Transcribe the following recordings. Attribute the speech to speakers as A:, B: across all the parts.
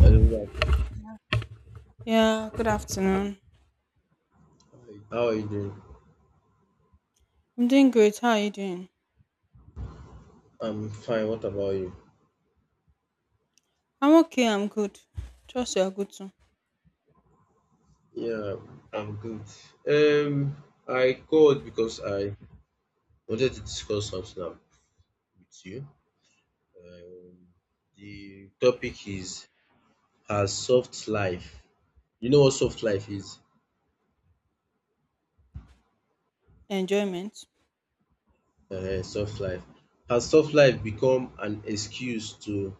A: Hello, Mark.
B: Yeah, good afternoon.
A: Hi. How are you doing?
B: I'm doing great. How are you doing?
A: I'm fine. What about you?
B: I'm okay. I'm good. Trust you are good too.
A: Yeah, I'm good. Um, I called because I wanted to discuss something with you. Um, the topic is has soft life. You know what soft life is?
B: Enjoyment.
A: Soft life. Has soft life become an excuse to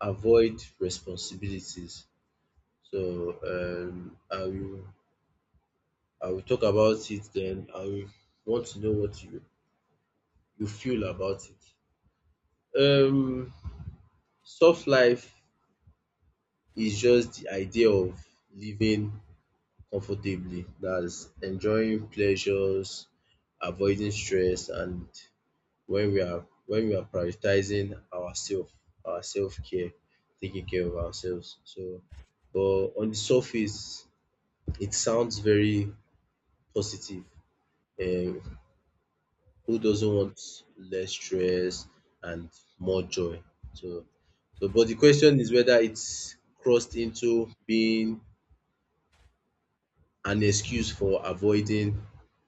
A: avoid responsibilities? So I will talk about it. Then I will want to know what you feel about it. Um, Soft life is just the idea of living comfortably. That's enjoying pleasures, avoiding stress, and when we are prioritizing ourselves, our self-care, taking care of ourselves. So, but on the surface, it sounds very positive. Um, who doesn't want less stress and more joy? So, so, but the question is whether it's crossed into being an excuse for avoiding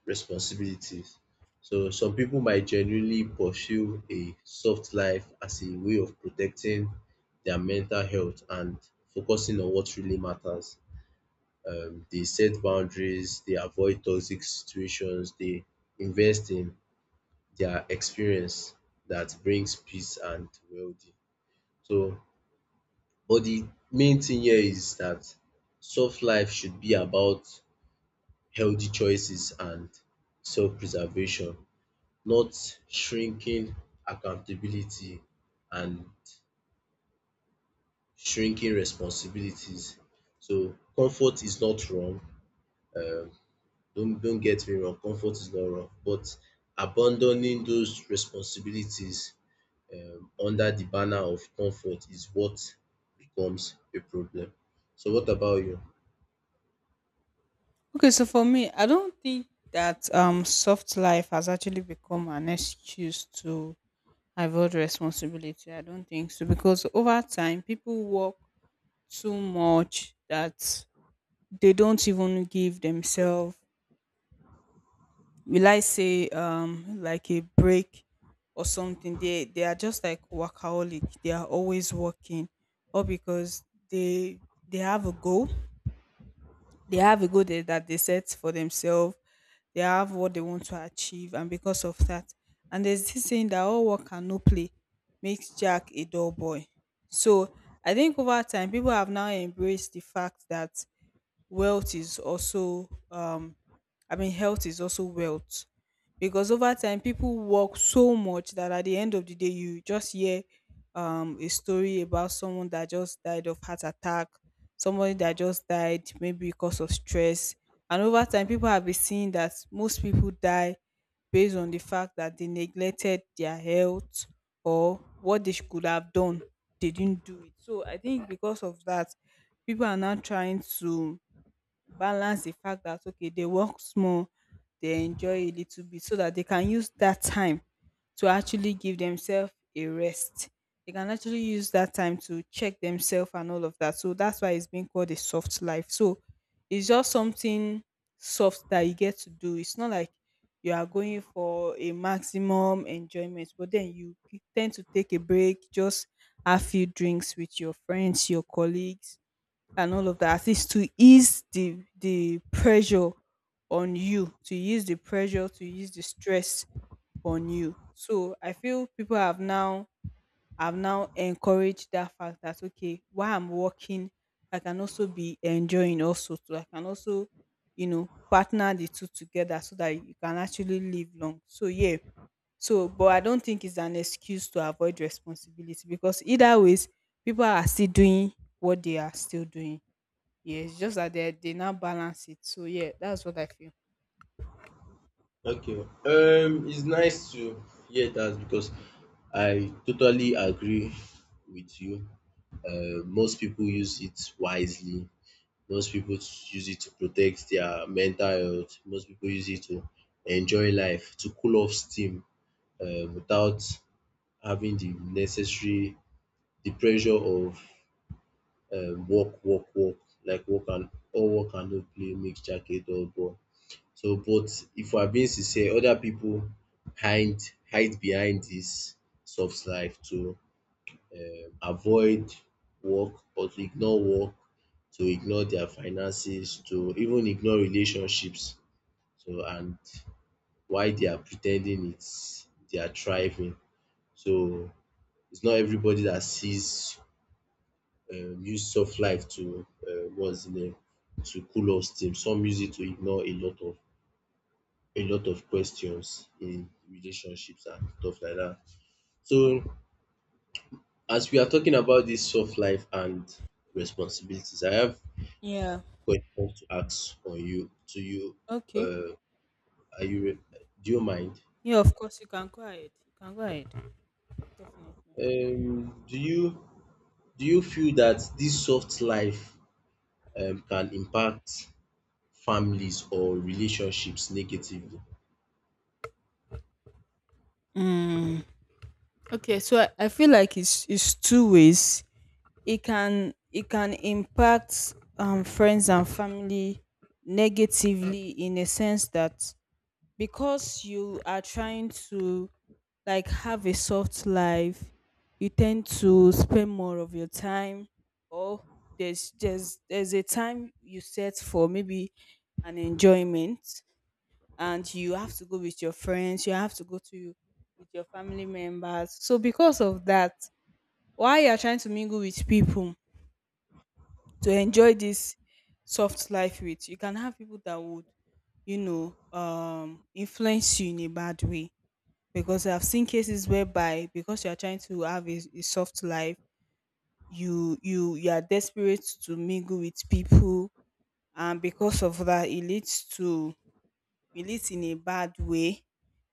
A: responsibilities. So some people might genuinely pursue a soft life as a way of protecting their mental health and focusing on what really matters. They set boundaries, they avoid toxic situations, they invest in their experience that brings peace and well-being. So, but the main thing here is that soft life should be about healthy choices and self-preservation, not shrinking accountability and shrinking responsibilities. So comfort is not wrong. Um, don't get me wrong, comfort is not wrong, but abandoning those responsibilities under the banner of comfort is what becomes a problem. So what about you?
B: Okay, so for me, I don't think that soft life has actually become an excuse to avoid responsibility. I don't think so because over time people work too much that they don't even give themselves will I say like a break or something. They are just like workaholic. They are always working, or because they they have a goal. They have a goal that they set for themselves. They have what they want to achieve, and because of that, and there's this saying that all work and no play makes Jack a dull boy. So I think over time, people have now embraced the fact that wealth is also I mean health is also wealth, because over time people work so much that at the end of the day you just hear a story about someone that just died of heart attack, somebody that just died maybe because of stress. And over time people have been seeing that most people die based on the fact that they neglected their health, or what they could have done they didn't do it. So I think because of that, people are now trying to balance the fact that okay, they work small, they enjoy a little bit, so that they can use that time to actually give themselves a rest. They can actually use that time to check themselves and all of that. So that's why it's being called a soft life. So it's just something soft that you get to do. It's not like you are going for a maximum enjoyment, but then you tend to take a break, just have few drinks with your friends, your colleagues, and all of that is to ease the pressure on you, to ease the pressure, to ease the stress on you. So I feel people have now encouraged that fact that okay, while I'm working I can also be enjoying also. So I can also, you know, partner the two together so that you can actually live long. So yeah, so but I don't think it's an excuse to avoid responsibility, because either ways people are still doing what they are still doing. Yes, just that they now balance it. So yeah, that's what I feel.
A: Okay, it's nice to hear that because I totally agree with you. Most people use it wisely. Most people use it to protect their mental health. Most people use it to enjoy life, to cool off steam without having the pressure of uh, walk, walk, walk, walk and no play, mix jacket or ball. So, but if we are being sincere, other people hide hide behind this soft life to avoid work or to ignore work, to ignore their finances, to even ignore relationships. So, and why they are pretending it's they are thriving. So, it's not everybody that sees use soft light to what's the name to cool off steam. Some use it to ignore a lot of questions in relationships and stuff like that. So as we are talking about this soft life and responsibilities, I have
B: Yeah.
A: questions to ask on you to you.
B: Okay.
A: Uh, are you re- do you mind?
B: Yeah, of course you can go ahead. You can go ahead. Definitely.
A: Um, do you do you feel that this soft life can impact families or relationships negatively?
B: Mm. Okay, so I feel like it's two ways. It can impact friends and family negatively, in a sense that because you are trying to like have a soft life, you tend to spend more of your time, or there's a time you set for maybe an enjoyment, and you have to go with your friends, you have to go to with your family members. So because of that, while you're trying to mingle with people to enjoy this soft life with, you can have people that would, you know, influence you in a bad way. Because I've seen cases whereby because you are trying to have a soft life, you are desperate to mingle with people, and because of that, it leads in a bad way.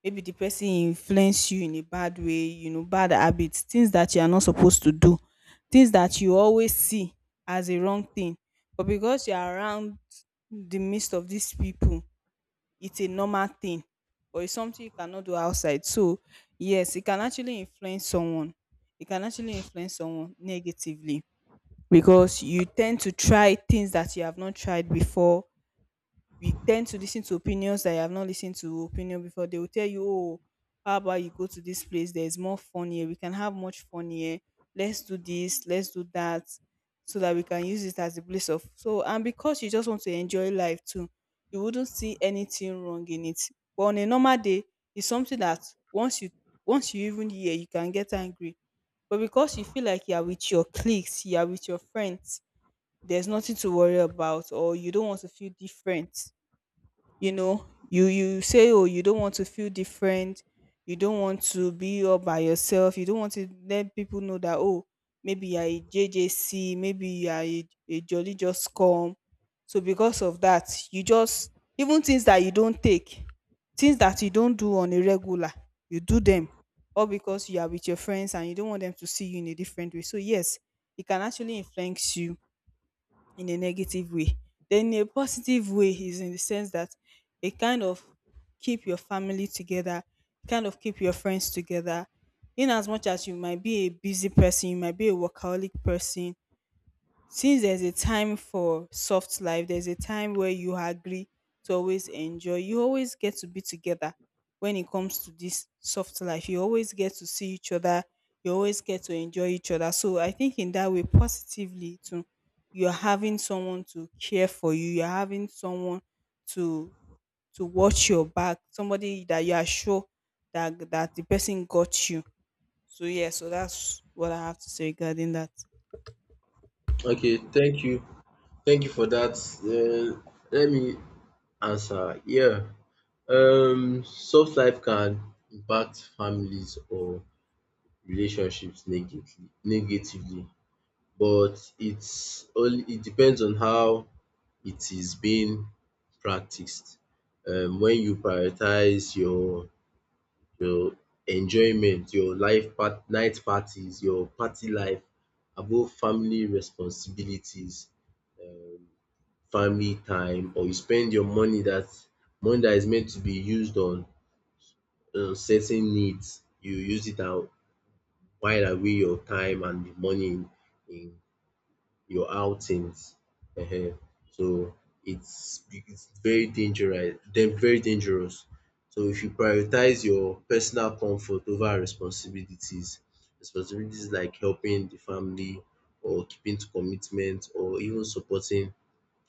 B: Maybe the person influence you in a bad way, you know, bad habits, things that you are not supposed to do, things that you always see as a wrong thing. But because you are around the midst of these people, it's a normal thing, or it's something you cannot do outside. So yes, it can actually influence someone, it can actually influence someone negatively, because you tend to try things that you have not tried before, we tend to listen to opinions that you have not listened to opinion before. They will tell you, oh, how about you go to this place? There's more fun here. We can have much fun here. Let's do this. Let's do that. So that we can use it as a place of so, and because you just want to enjoy life too, you wouldn't see anything wrong in it. But on a normal day, it's something that once you once you even hear, you can get angry. But because you feel like you are with your cliques, you are with your friends, there's nothing to worry about. Or you don't want to feel different, you know, you say oh, you don't want to feel different, you don't want to be all by yourself, you don't want to let people know that oh, maybe you're a jjc, maybe you're a jolly just come. So because of that you just, even things that you don't take, things that you don't do on a regular, you do them, all because you are with your friends and you don't want them to see you in a different way. So yes, it can actually influence you in a negative way. Then a positive way is in the sense that it kind of keep your family together, it kind of keep your friends together. In as much as you might be a busy person, you might be a workaholic person, since there's a time for soft life, there's a time where you agree to always enjoy. You always get to be together when it comes to this soft life. You always get to see each other. You always get to enjoy each other. So I think in that way, positively too, you're having someone to care for you. You're having someone to to watch your back. Somebody that you are sure that the person got you. So yeah, so that's what I have to say regarding that.
A: Okay, thank you. Thank you for that. Let me answer. Yeah, soft life can impact families or relationships negatively, but it depends on how it is being practiced. When you prioritize your enjoyment, your life part, night parties, your party life above family responsibilities, um family time or you spend your money that is meant to be used on certain needs, you use it out while away your time and the money in your outings um. So it's very dangerous, then very dangerous. So if you prioritize your personal comfort over responsibilities, responsibilities like helping the family or keeping to commitment or even supporting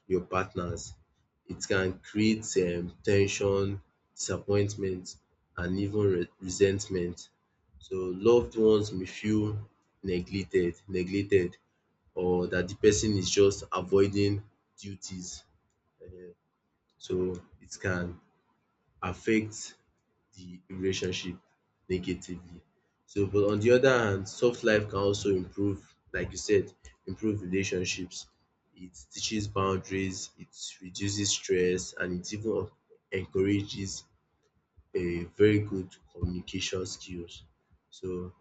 A: your partners. It can create tension, disappointment and even resentment. So loved ones may feel neglected or that the person is just avoiding duties, um so it can affect the relationship negatively. So but on the other hand, soft life can also improve, like you said, improve relationships. It teaches boundaries, it reduces stress and it even encourages a very good communication skills. So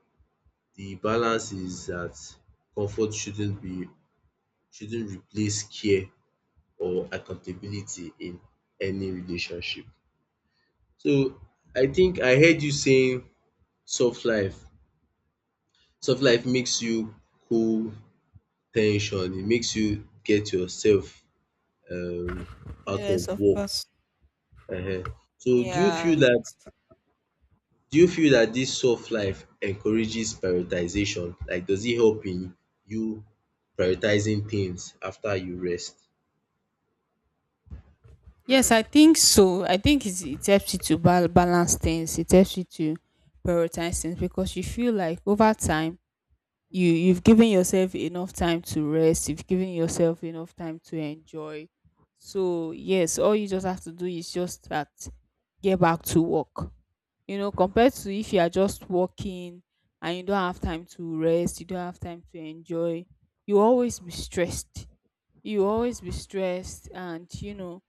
A: the balance is that comfort shouldn't replace care or accountability in any relationship. So I think I heard you saying soft life Soft life makes you cool tension. It makes you get yourself um out of
B: Yes, of
A: work
B: course.
A: um. So do you
B: Yeah.
A: feel that? Do you feel that this soft life encourages prioritization? Like does it help in you prioritizing things after you rest?
B: Yes, I think so. I think it's, it helps you to balance things. It helps you to prioritize things because you feel like over time you've given yourself enough time to rest. You've given yourself enough time to enjoy. So yes, all you just have to do is just that get back to work. You know, compared to if you are just working and you don't have time to rest, you don't have time to enjoy. You always be stressed. You always be stressed, and you know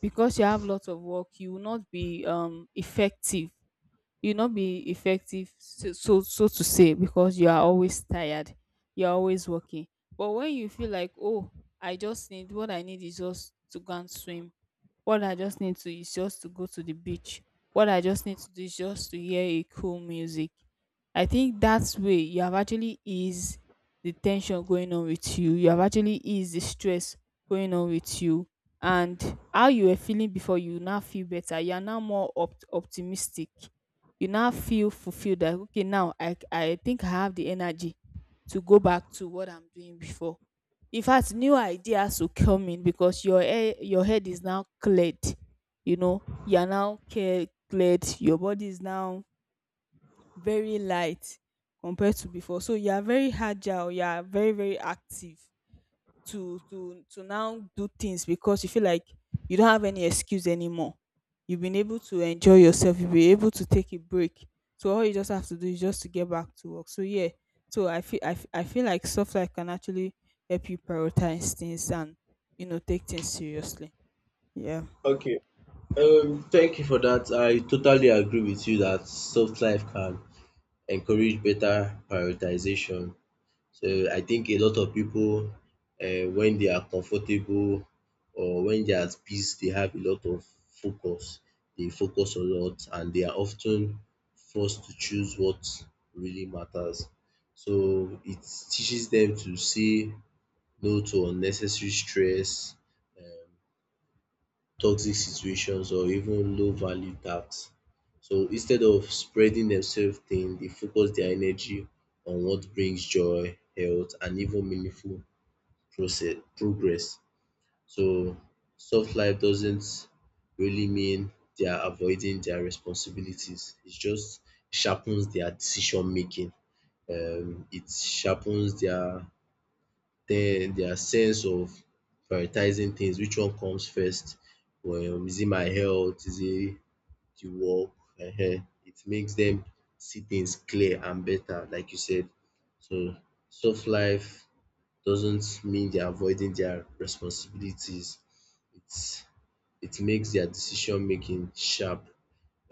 B: because you have lots of work you will not be effective, you will not be effective, so so to say, because you are always tired, you're always working. But when you feel like oh, I just need what I need is just to go and swim. What I just need to is just to go to the beach. What I just need to do is just to hear a cool music. I think that's way you have actually eased the tension going on with you. You have actually eased the stress going on with you. And how you were feeling before, you now feel better. You are now more optimistic. You now feel fulfilled that, okay, now I think I have the energy to go back to what I'm doing before. In fact, new ideas will come in because your head is now cleared. You know, you are now cleared. Your body is now very light compared to before. So you are very agile. You are very active to now do things because you feel like you don't have any excuse anymore. You've been able to enjoy yourself. You've been able to take a break. So all you just have to do is just to get back to work. So yeah. So I feel I feel like software can actually help you prioritize things and, you know, take things seriously. Yeah.
A: Okay, thank you for that. I totally agree with you that soft life can encourage better prioritization. So I think a lot of people, when they are comfortable or when they are at peace, they have a lot of focus. They focus a lot and they are often forced to choose what really matters. So it teaches them to say no to unnecessary stress, um, toxic situations or even low value tasks. So instead of spreading themselves thin, they focus their energy on what brings joy, health, and even meaningful process progress. So soft life doesn't really mean they are avoiding their responsibilities. It just sharpens their decision making. It sharpens their sense of prioritizing things, which one comes first, is it my health, is it the work? It makes them see things clear and better like you said. So soft life doesn't mean they are avoiding their responsibilities, it's it makes their decision making sharp,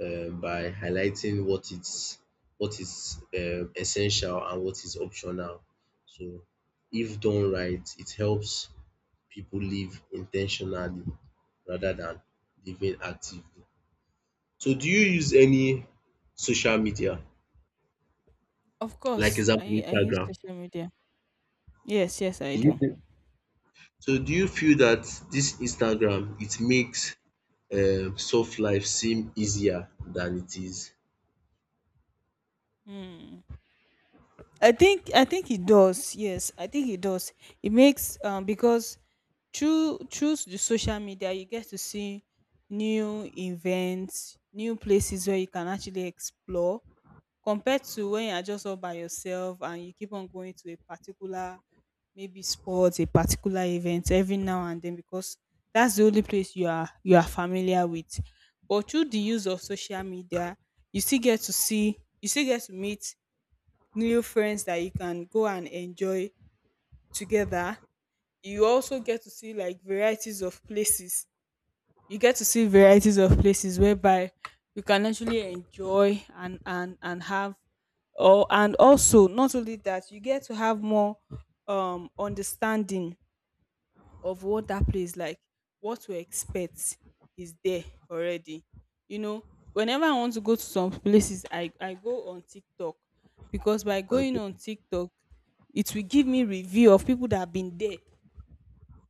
A: by highlighting what is essential and what is optional. So if done right, it helps people live intentionally rather than living actively. So do you use any social media,
B: Of
A: like
B: course,
A: example
B: I use
A: Instagram?
B: social media. Yes, yes, I
A: Do
B: do.
A: you- So do you feel that this Instagram it makes, soft life seem easier than it is?
B: Hmm. I think it does. Yes, I think it does. It makes because through the social media you get to see new events, new places where you can actually explore, compared to when you're just all by yourself and you keep on going to a particular, maybe sports, a particular event every now and then, because that's the only place you are familiar with. But through the use of social media, you still get to meet new friends that you can go and enjoy together. You also get to see like varieties of places, you get to see varieties of places whereby you can actually enjoy and have, or, and also not only that, you get to have more understanding of what that place like, what to expect, is there already, you know whenever I want to go to some places, I go on TikTok, because by going
A: Okay.
B: on TikTok it will give me review of people that have been there.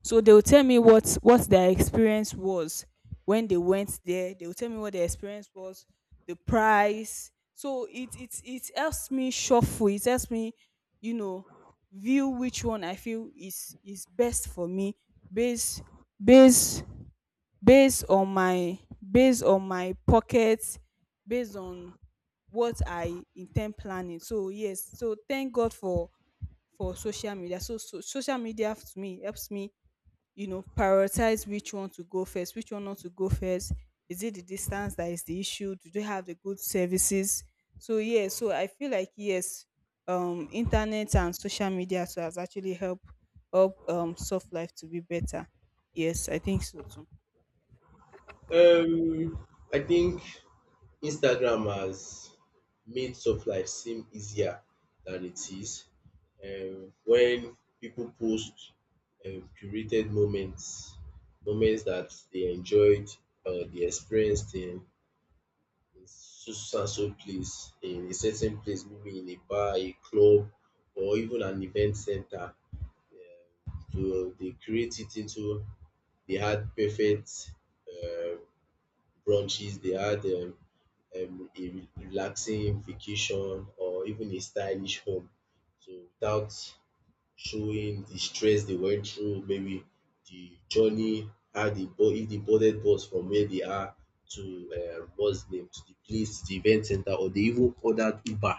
B: So they will tell me what their experience was when they went there. They will tell me what their experience was, the price. So it helps me shuffle. It helps me, you know, view which one I feel is best for me, based based based on my, based on my pocket, based on what I intend planning. So yes, so thank God for social media. So social media to me helps me, prioritize which one to go first, which one not to go first. Is it the distance that is the issue? Do they have the good services? So yeah, so I feel like yes, internet and social media so has actually helped help soft life to be better. Yes, I think so too.
A: Um, I think Instagram has made soft life seem easier than it is. When people post, curated moments, moments that they enjoyed or they experienced in so and so place, in a certain place, maybe in a bar, a club, or even an event center. So they create it into they had perfect um brunches, they had a relaxing vacation or even a stylish home. So without showing the stress they went through, maybe the journey, how they if they boarded bus from where they are to, what's the name to the place, to the event center, or they even ordered Uber.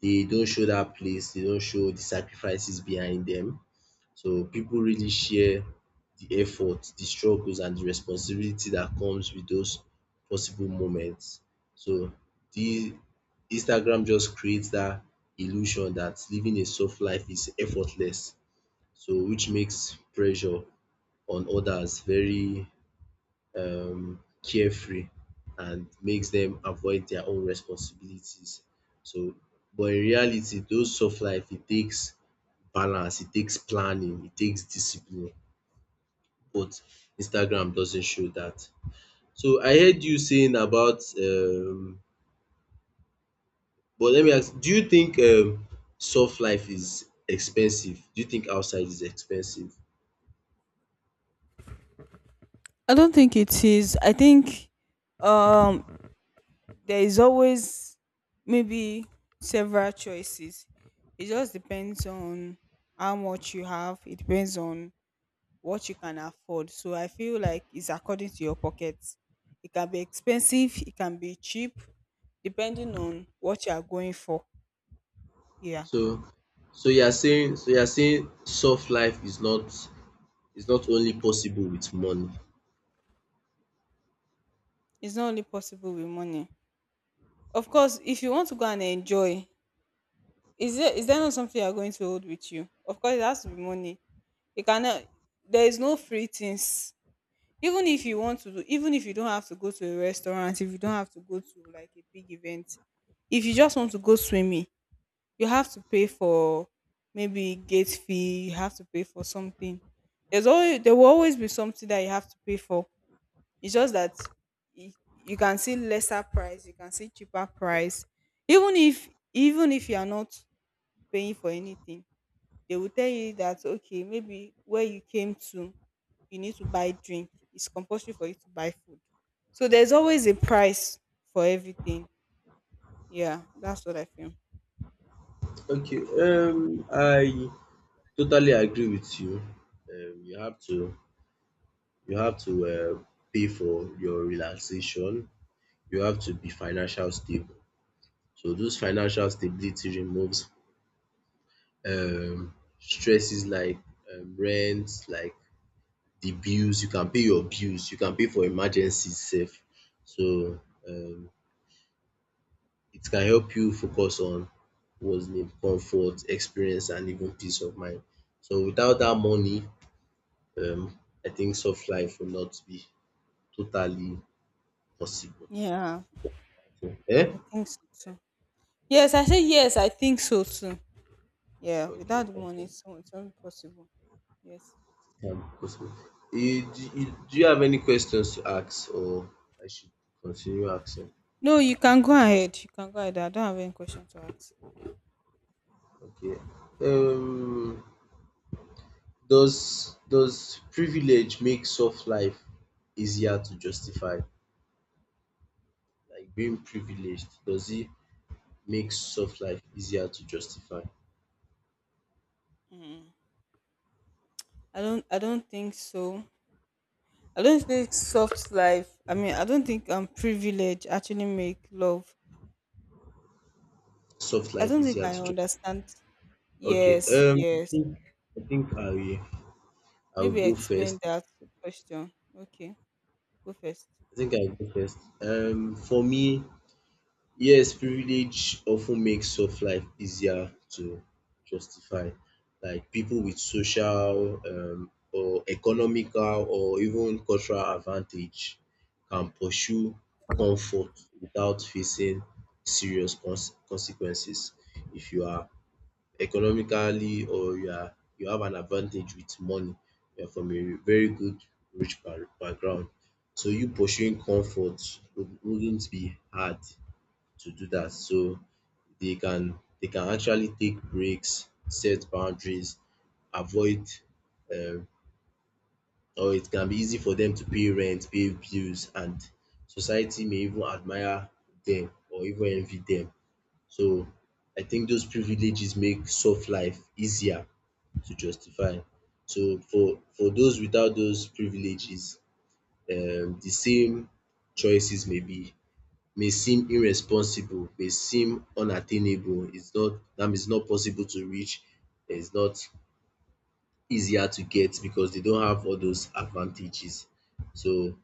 A: They don't show that place. They don't show the sacrifices behind them. So people really share the effort, the struggles and the responsibility that comes with those possible moments. So the Instagram just creates that illusion that living a soft life is effortless. So which makes pressure on others very carefree and makes them avoid their own responsibilities. So but in reality those soft life, it takes balance, it takes planning, it takes discipline but Instagram doesn't show that. So I heard you saying about but let me ask, do you think soft life is expensive? Do you think outside is expensive?
B: I don't think it is. I think, um there is always, maybe, several choices. It just depends on how much you have. It depends on what you can afford. So I feel like it's according to your pocket. It can be expensive, it can be cheap, depending on what you are going for. Yeah,
A: So so you are saying soft life is not, only possible with money.
B: it's not only possible with money. Of course, if you want to go and enjoy, is there not something you are going to hold with you? Of course, it has to be money. You cannot. There is no free things. Even if you want to do, even if you don't have to go to a restaurant, if you don't have to go to like a big event, if you just want to go swimming, you have to pay for maybe gate fee, you have to pay for something. There will always be something that you have to pay for. It's just that you can see lesser price, you can see cheaper price. Even if even if you are not paying for anything, they will tell you that okay, maybe where you came to, you need to buy drink. It's compulsory for you to buy food. So there's always a price for everything. Yeah, that's what I feel.
A: Okay, I totally agree with you. Um you have to you have to pay for your relaxation. You have to be financial stable. So those financial stability removes stresses like, rent, like the bills, you can pay your bills, you can pay for emergencies sef. So um it can help you focus on what's need, comfort, experience and even peace of mind. So without that money, um I think soft life will not be totally possible.
B: Yeah,
A: Eh?
B: I think so. Yes, I say yes, I think so too. Yeah,
A: Okay,
B: without the money, it's not possible. Yes.
A: can possible. Eh, do you have any questions to ask, or I should continue asking?
B: No, you can go ahead. You can go ahead. I don't have any question to ask.
A: Okay. Um, does privilege make soft life easier to justify? Like being privileged, does it make soft life easier to justify?
B: Mm. I don't. I don't think so. I don't think soft life. I mean, I don't think privilege actually make love.
A: Soft
B: I
A: life
B: don't think
A: easier to
B: I
A: justify.
B: understand.
A: Okay.
B: Yes,
A: I
B: yes.
A: think I think I will
B: Maybe
A: go
B: explain
A: first.
B: that question. Okay, go first.
A: I think I will go first. For me, yes, privilege often makes soft life easier to justify. Like people with social, or economical or even cultural advantage can pursue comfort without facing serious consequences. If you are economically or you have an advantage with money, you are from a very good rich background, so you pursuing comfort wouldn't be hard to do that. So they can actually take breaks, set boundaries, avoid um or it can be easy for them to pay rent, pay bills and society may even admire them or even envy them. So I think those privileges make soft life easier to justify. So for those without those privileges, the same choices may seem irresponsible, may seem unattainable, it's not, that means it's not possible to reach, it's not easier to get because they don't have all those advantages. So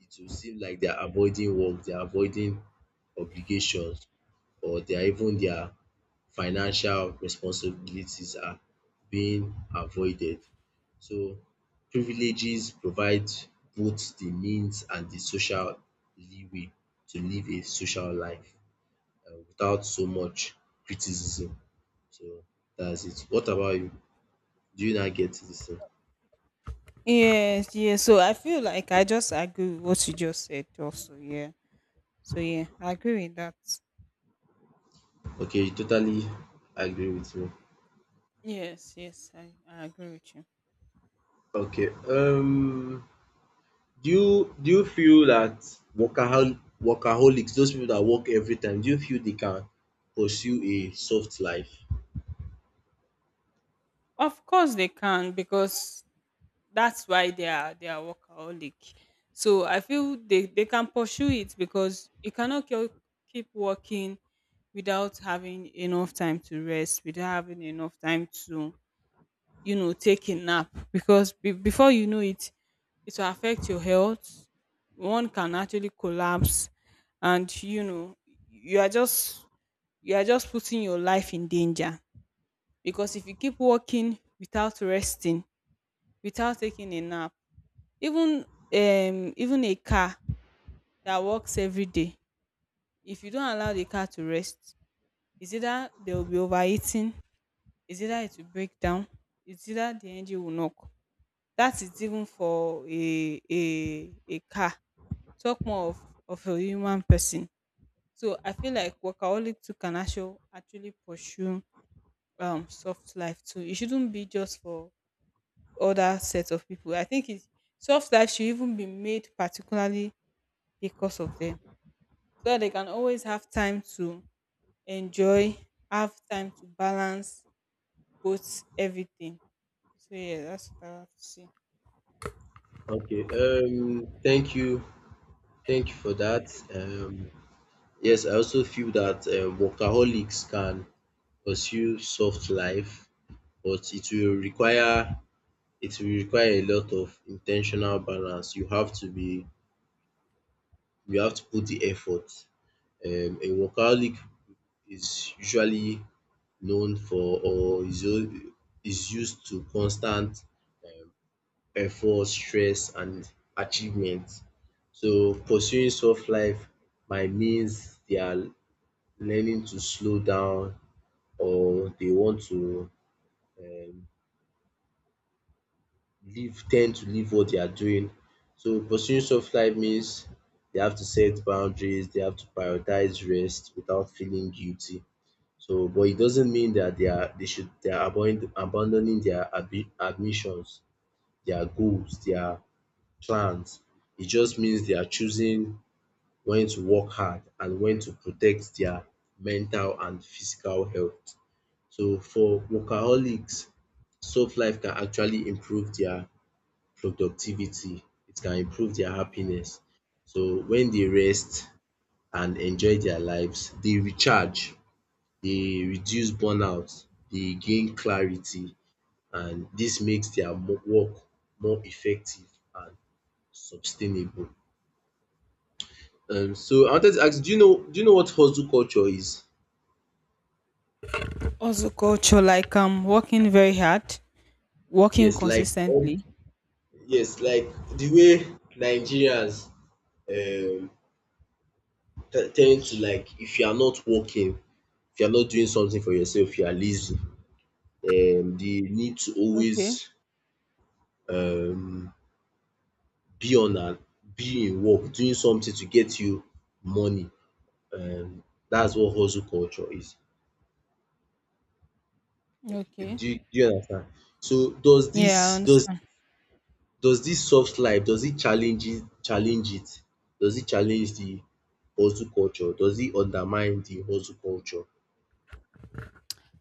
A: it will seem like they are avoiding work, they are avoiding obligations or they are even their financial responsibilities are being avoided. So privileges provide both the means and the social leeway to live a social life, without so much criticism. So that's it. What about you? Do you not get this thing?
B: Yes, yes. So I feel like I just agree with what you just said. Also, yeah. So yeah, I agree with that.
A: Okay, you totally agree with me.
B: Yes, yes, I agree with you.
A: Okay. Do you feel that workaholics, those people that work every time, do you feel they can pursue a soft life?
B: Of course they can, because that's why they are workaholic. So I feel they can pursue it, because you cannot keep working without having enough time to rest, without having enough time to, you know, take a nap, because before you know it, it will affect your health. One can actually collapse, and you know, you are just you are just putting your life in danger, because if you keep walking without resting, without taking a nap, even, even a car that works every day, if you don't allow the car to rest, it's either they will be overheating, it's either it will break down, it's either the engine will knock. That is even for a car, talk more of a human person. So I feel like workaholic too can actually pursue soft life too. It shouldn't be just for other sets of people. I think it Soft life should even be made particularly because of them, so that they can always have time to enjoy, have time to balance both, everything. So yeah, that's what I have to say.
A: Okay. Thank you. Thank you for that. Yes, I also feel that workaholics can pursue soft life, but it will require a lot of intentional balance. You have to put the effort. A workaholic is usually known for or is u- is used to constant um effort, stress and achievement. So pursuing soft life might means they are learning to slow down or they want to um leave tend to leave what they are doing. So pursuing soft life means they have to set boundaries, they have to prioritize rest without feeling guilty. So but it doesn't mean that they are abandoning their ambitions, their goals, their plans. It just means they are choosing when to work hard and when to protect their mental and physical health. So for workaholics, soft life can actually improve their productivity, it can improve their
B: Yeah,
A: happiness. So when they
B: yeah.
A: rest and enjoy their lives, they recharge, they reduce burnout, they gain clarity and this makes their mo work more effective and sustainable. So I wanted to ask, do you know what hustle culture is?
B: Also, culture like working very hard, working
A: Yes, like um,
B: consistently.
A: yes, like the way Nigerians um tend to, like, if you are not working, if you are not doing something for yourself, you are lazy. The need to always,
B: Okay,
A: um, be on and be in work, doing something to get you money. Um, that's what hustle culture is.
B: okay.
A: Do you understand? So does
B: Yeah, I
A: this does
B: understand.
A: does this soft life does it challenge it challenge it? Does it challenge the hustle culture? Does it undermine the hustle culture?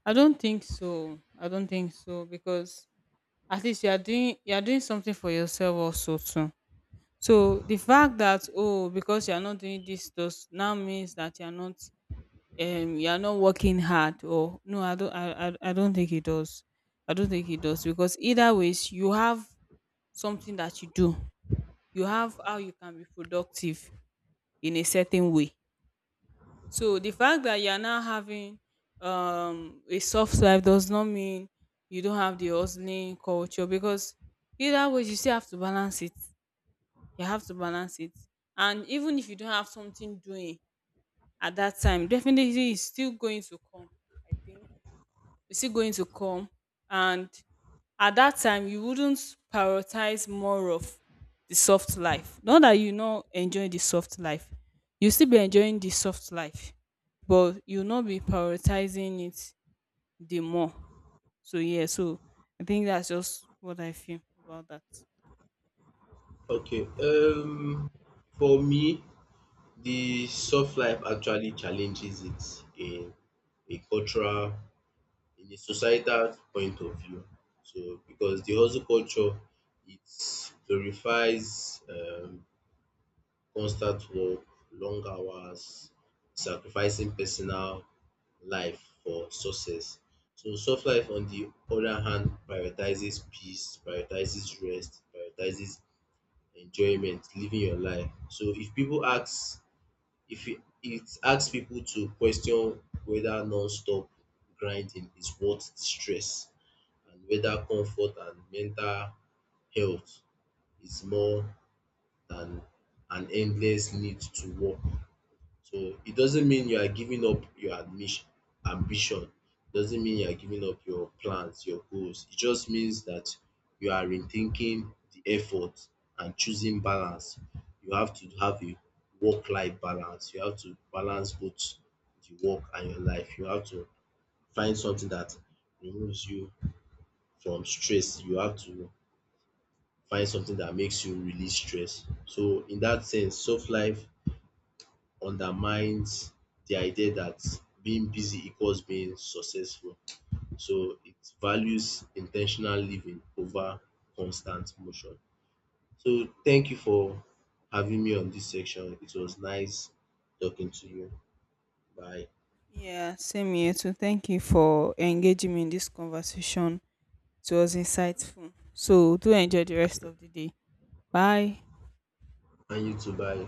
B: I don't think so. I don't think so, because at least you are doing something for yourself also too. So the fact that, oh, because you are not doing this does now means that you are not, you are not working hard, or no. I I don't think it does. I don't think it does, because either ways you have something that you do, you have how you can be productive in a certain way. So the fact that you are now having a soft life does not mean you don't have the hustling culture, because either way you still have to balance it. you have to balance it and even if you don't have something doing at that time, definitely it's still going to come. I think it's still going to come and at that time you wouldn't prioritize more of the soft life. Not that you not enjoy the soft life, you still be enjoying the soft life, but you'll not be prioritizing it the more. So yeah, so I think that's just what I feel about that.
A: Okay, for me, the soft life actually challenges it in a societal point of view. So because the hustle culture it glorifies constant work, long hours, sacrificing personal life for success. So soft life on the other hand prioritizes peace, prioritizes rest, prioritizes enjoyment, living your life. So if people ask if it, it asks people to question whether non-stop grinding is worth the stress and whether comfort and mental health is more than an endless need to work. So it doesn't mean you are giving up your admission ambition. Doesn't mean you are giving up your plans, your goals. It just means that you are rethinking the effort and choosing balance. You have to have a work-life balance. You have to balance both the work and your life. You have to find something that removes you from stress. You have to find something that makes you release stress. So in that sense, soft life undermines the idea that being busy equals being successful. So it values intentional living over constant motion. So thank you for having me on this section. It was nice talking to you. Bye.
B: Yeah, same here too. Thank you for engaging me in this conversation. It was insightful. So do enjoy the rest of the day. Bye.
A: And you too. Bye.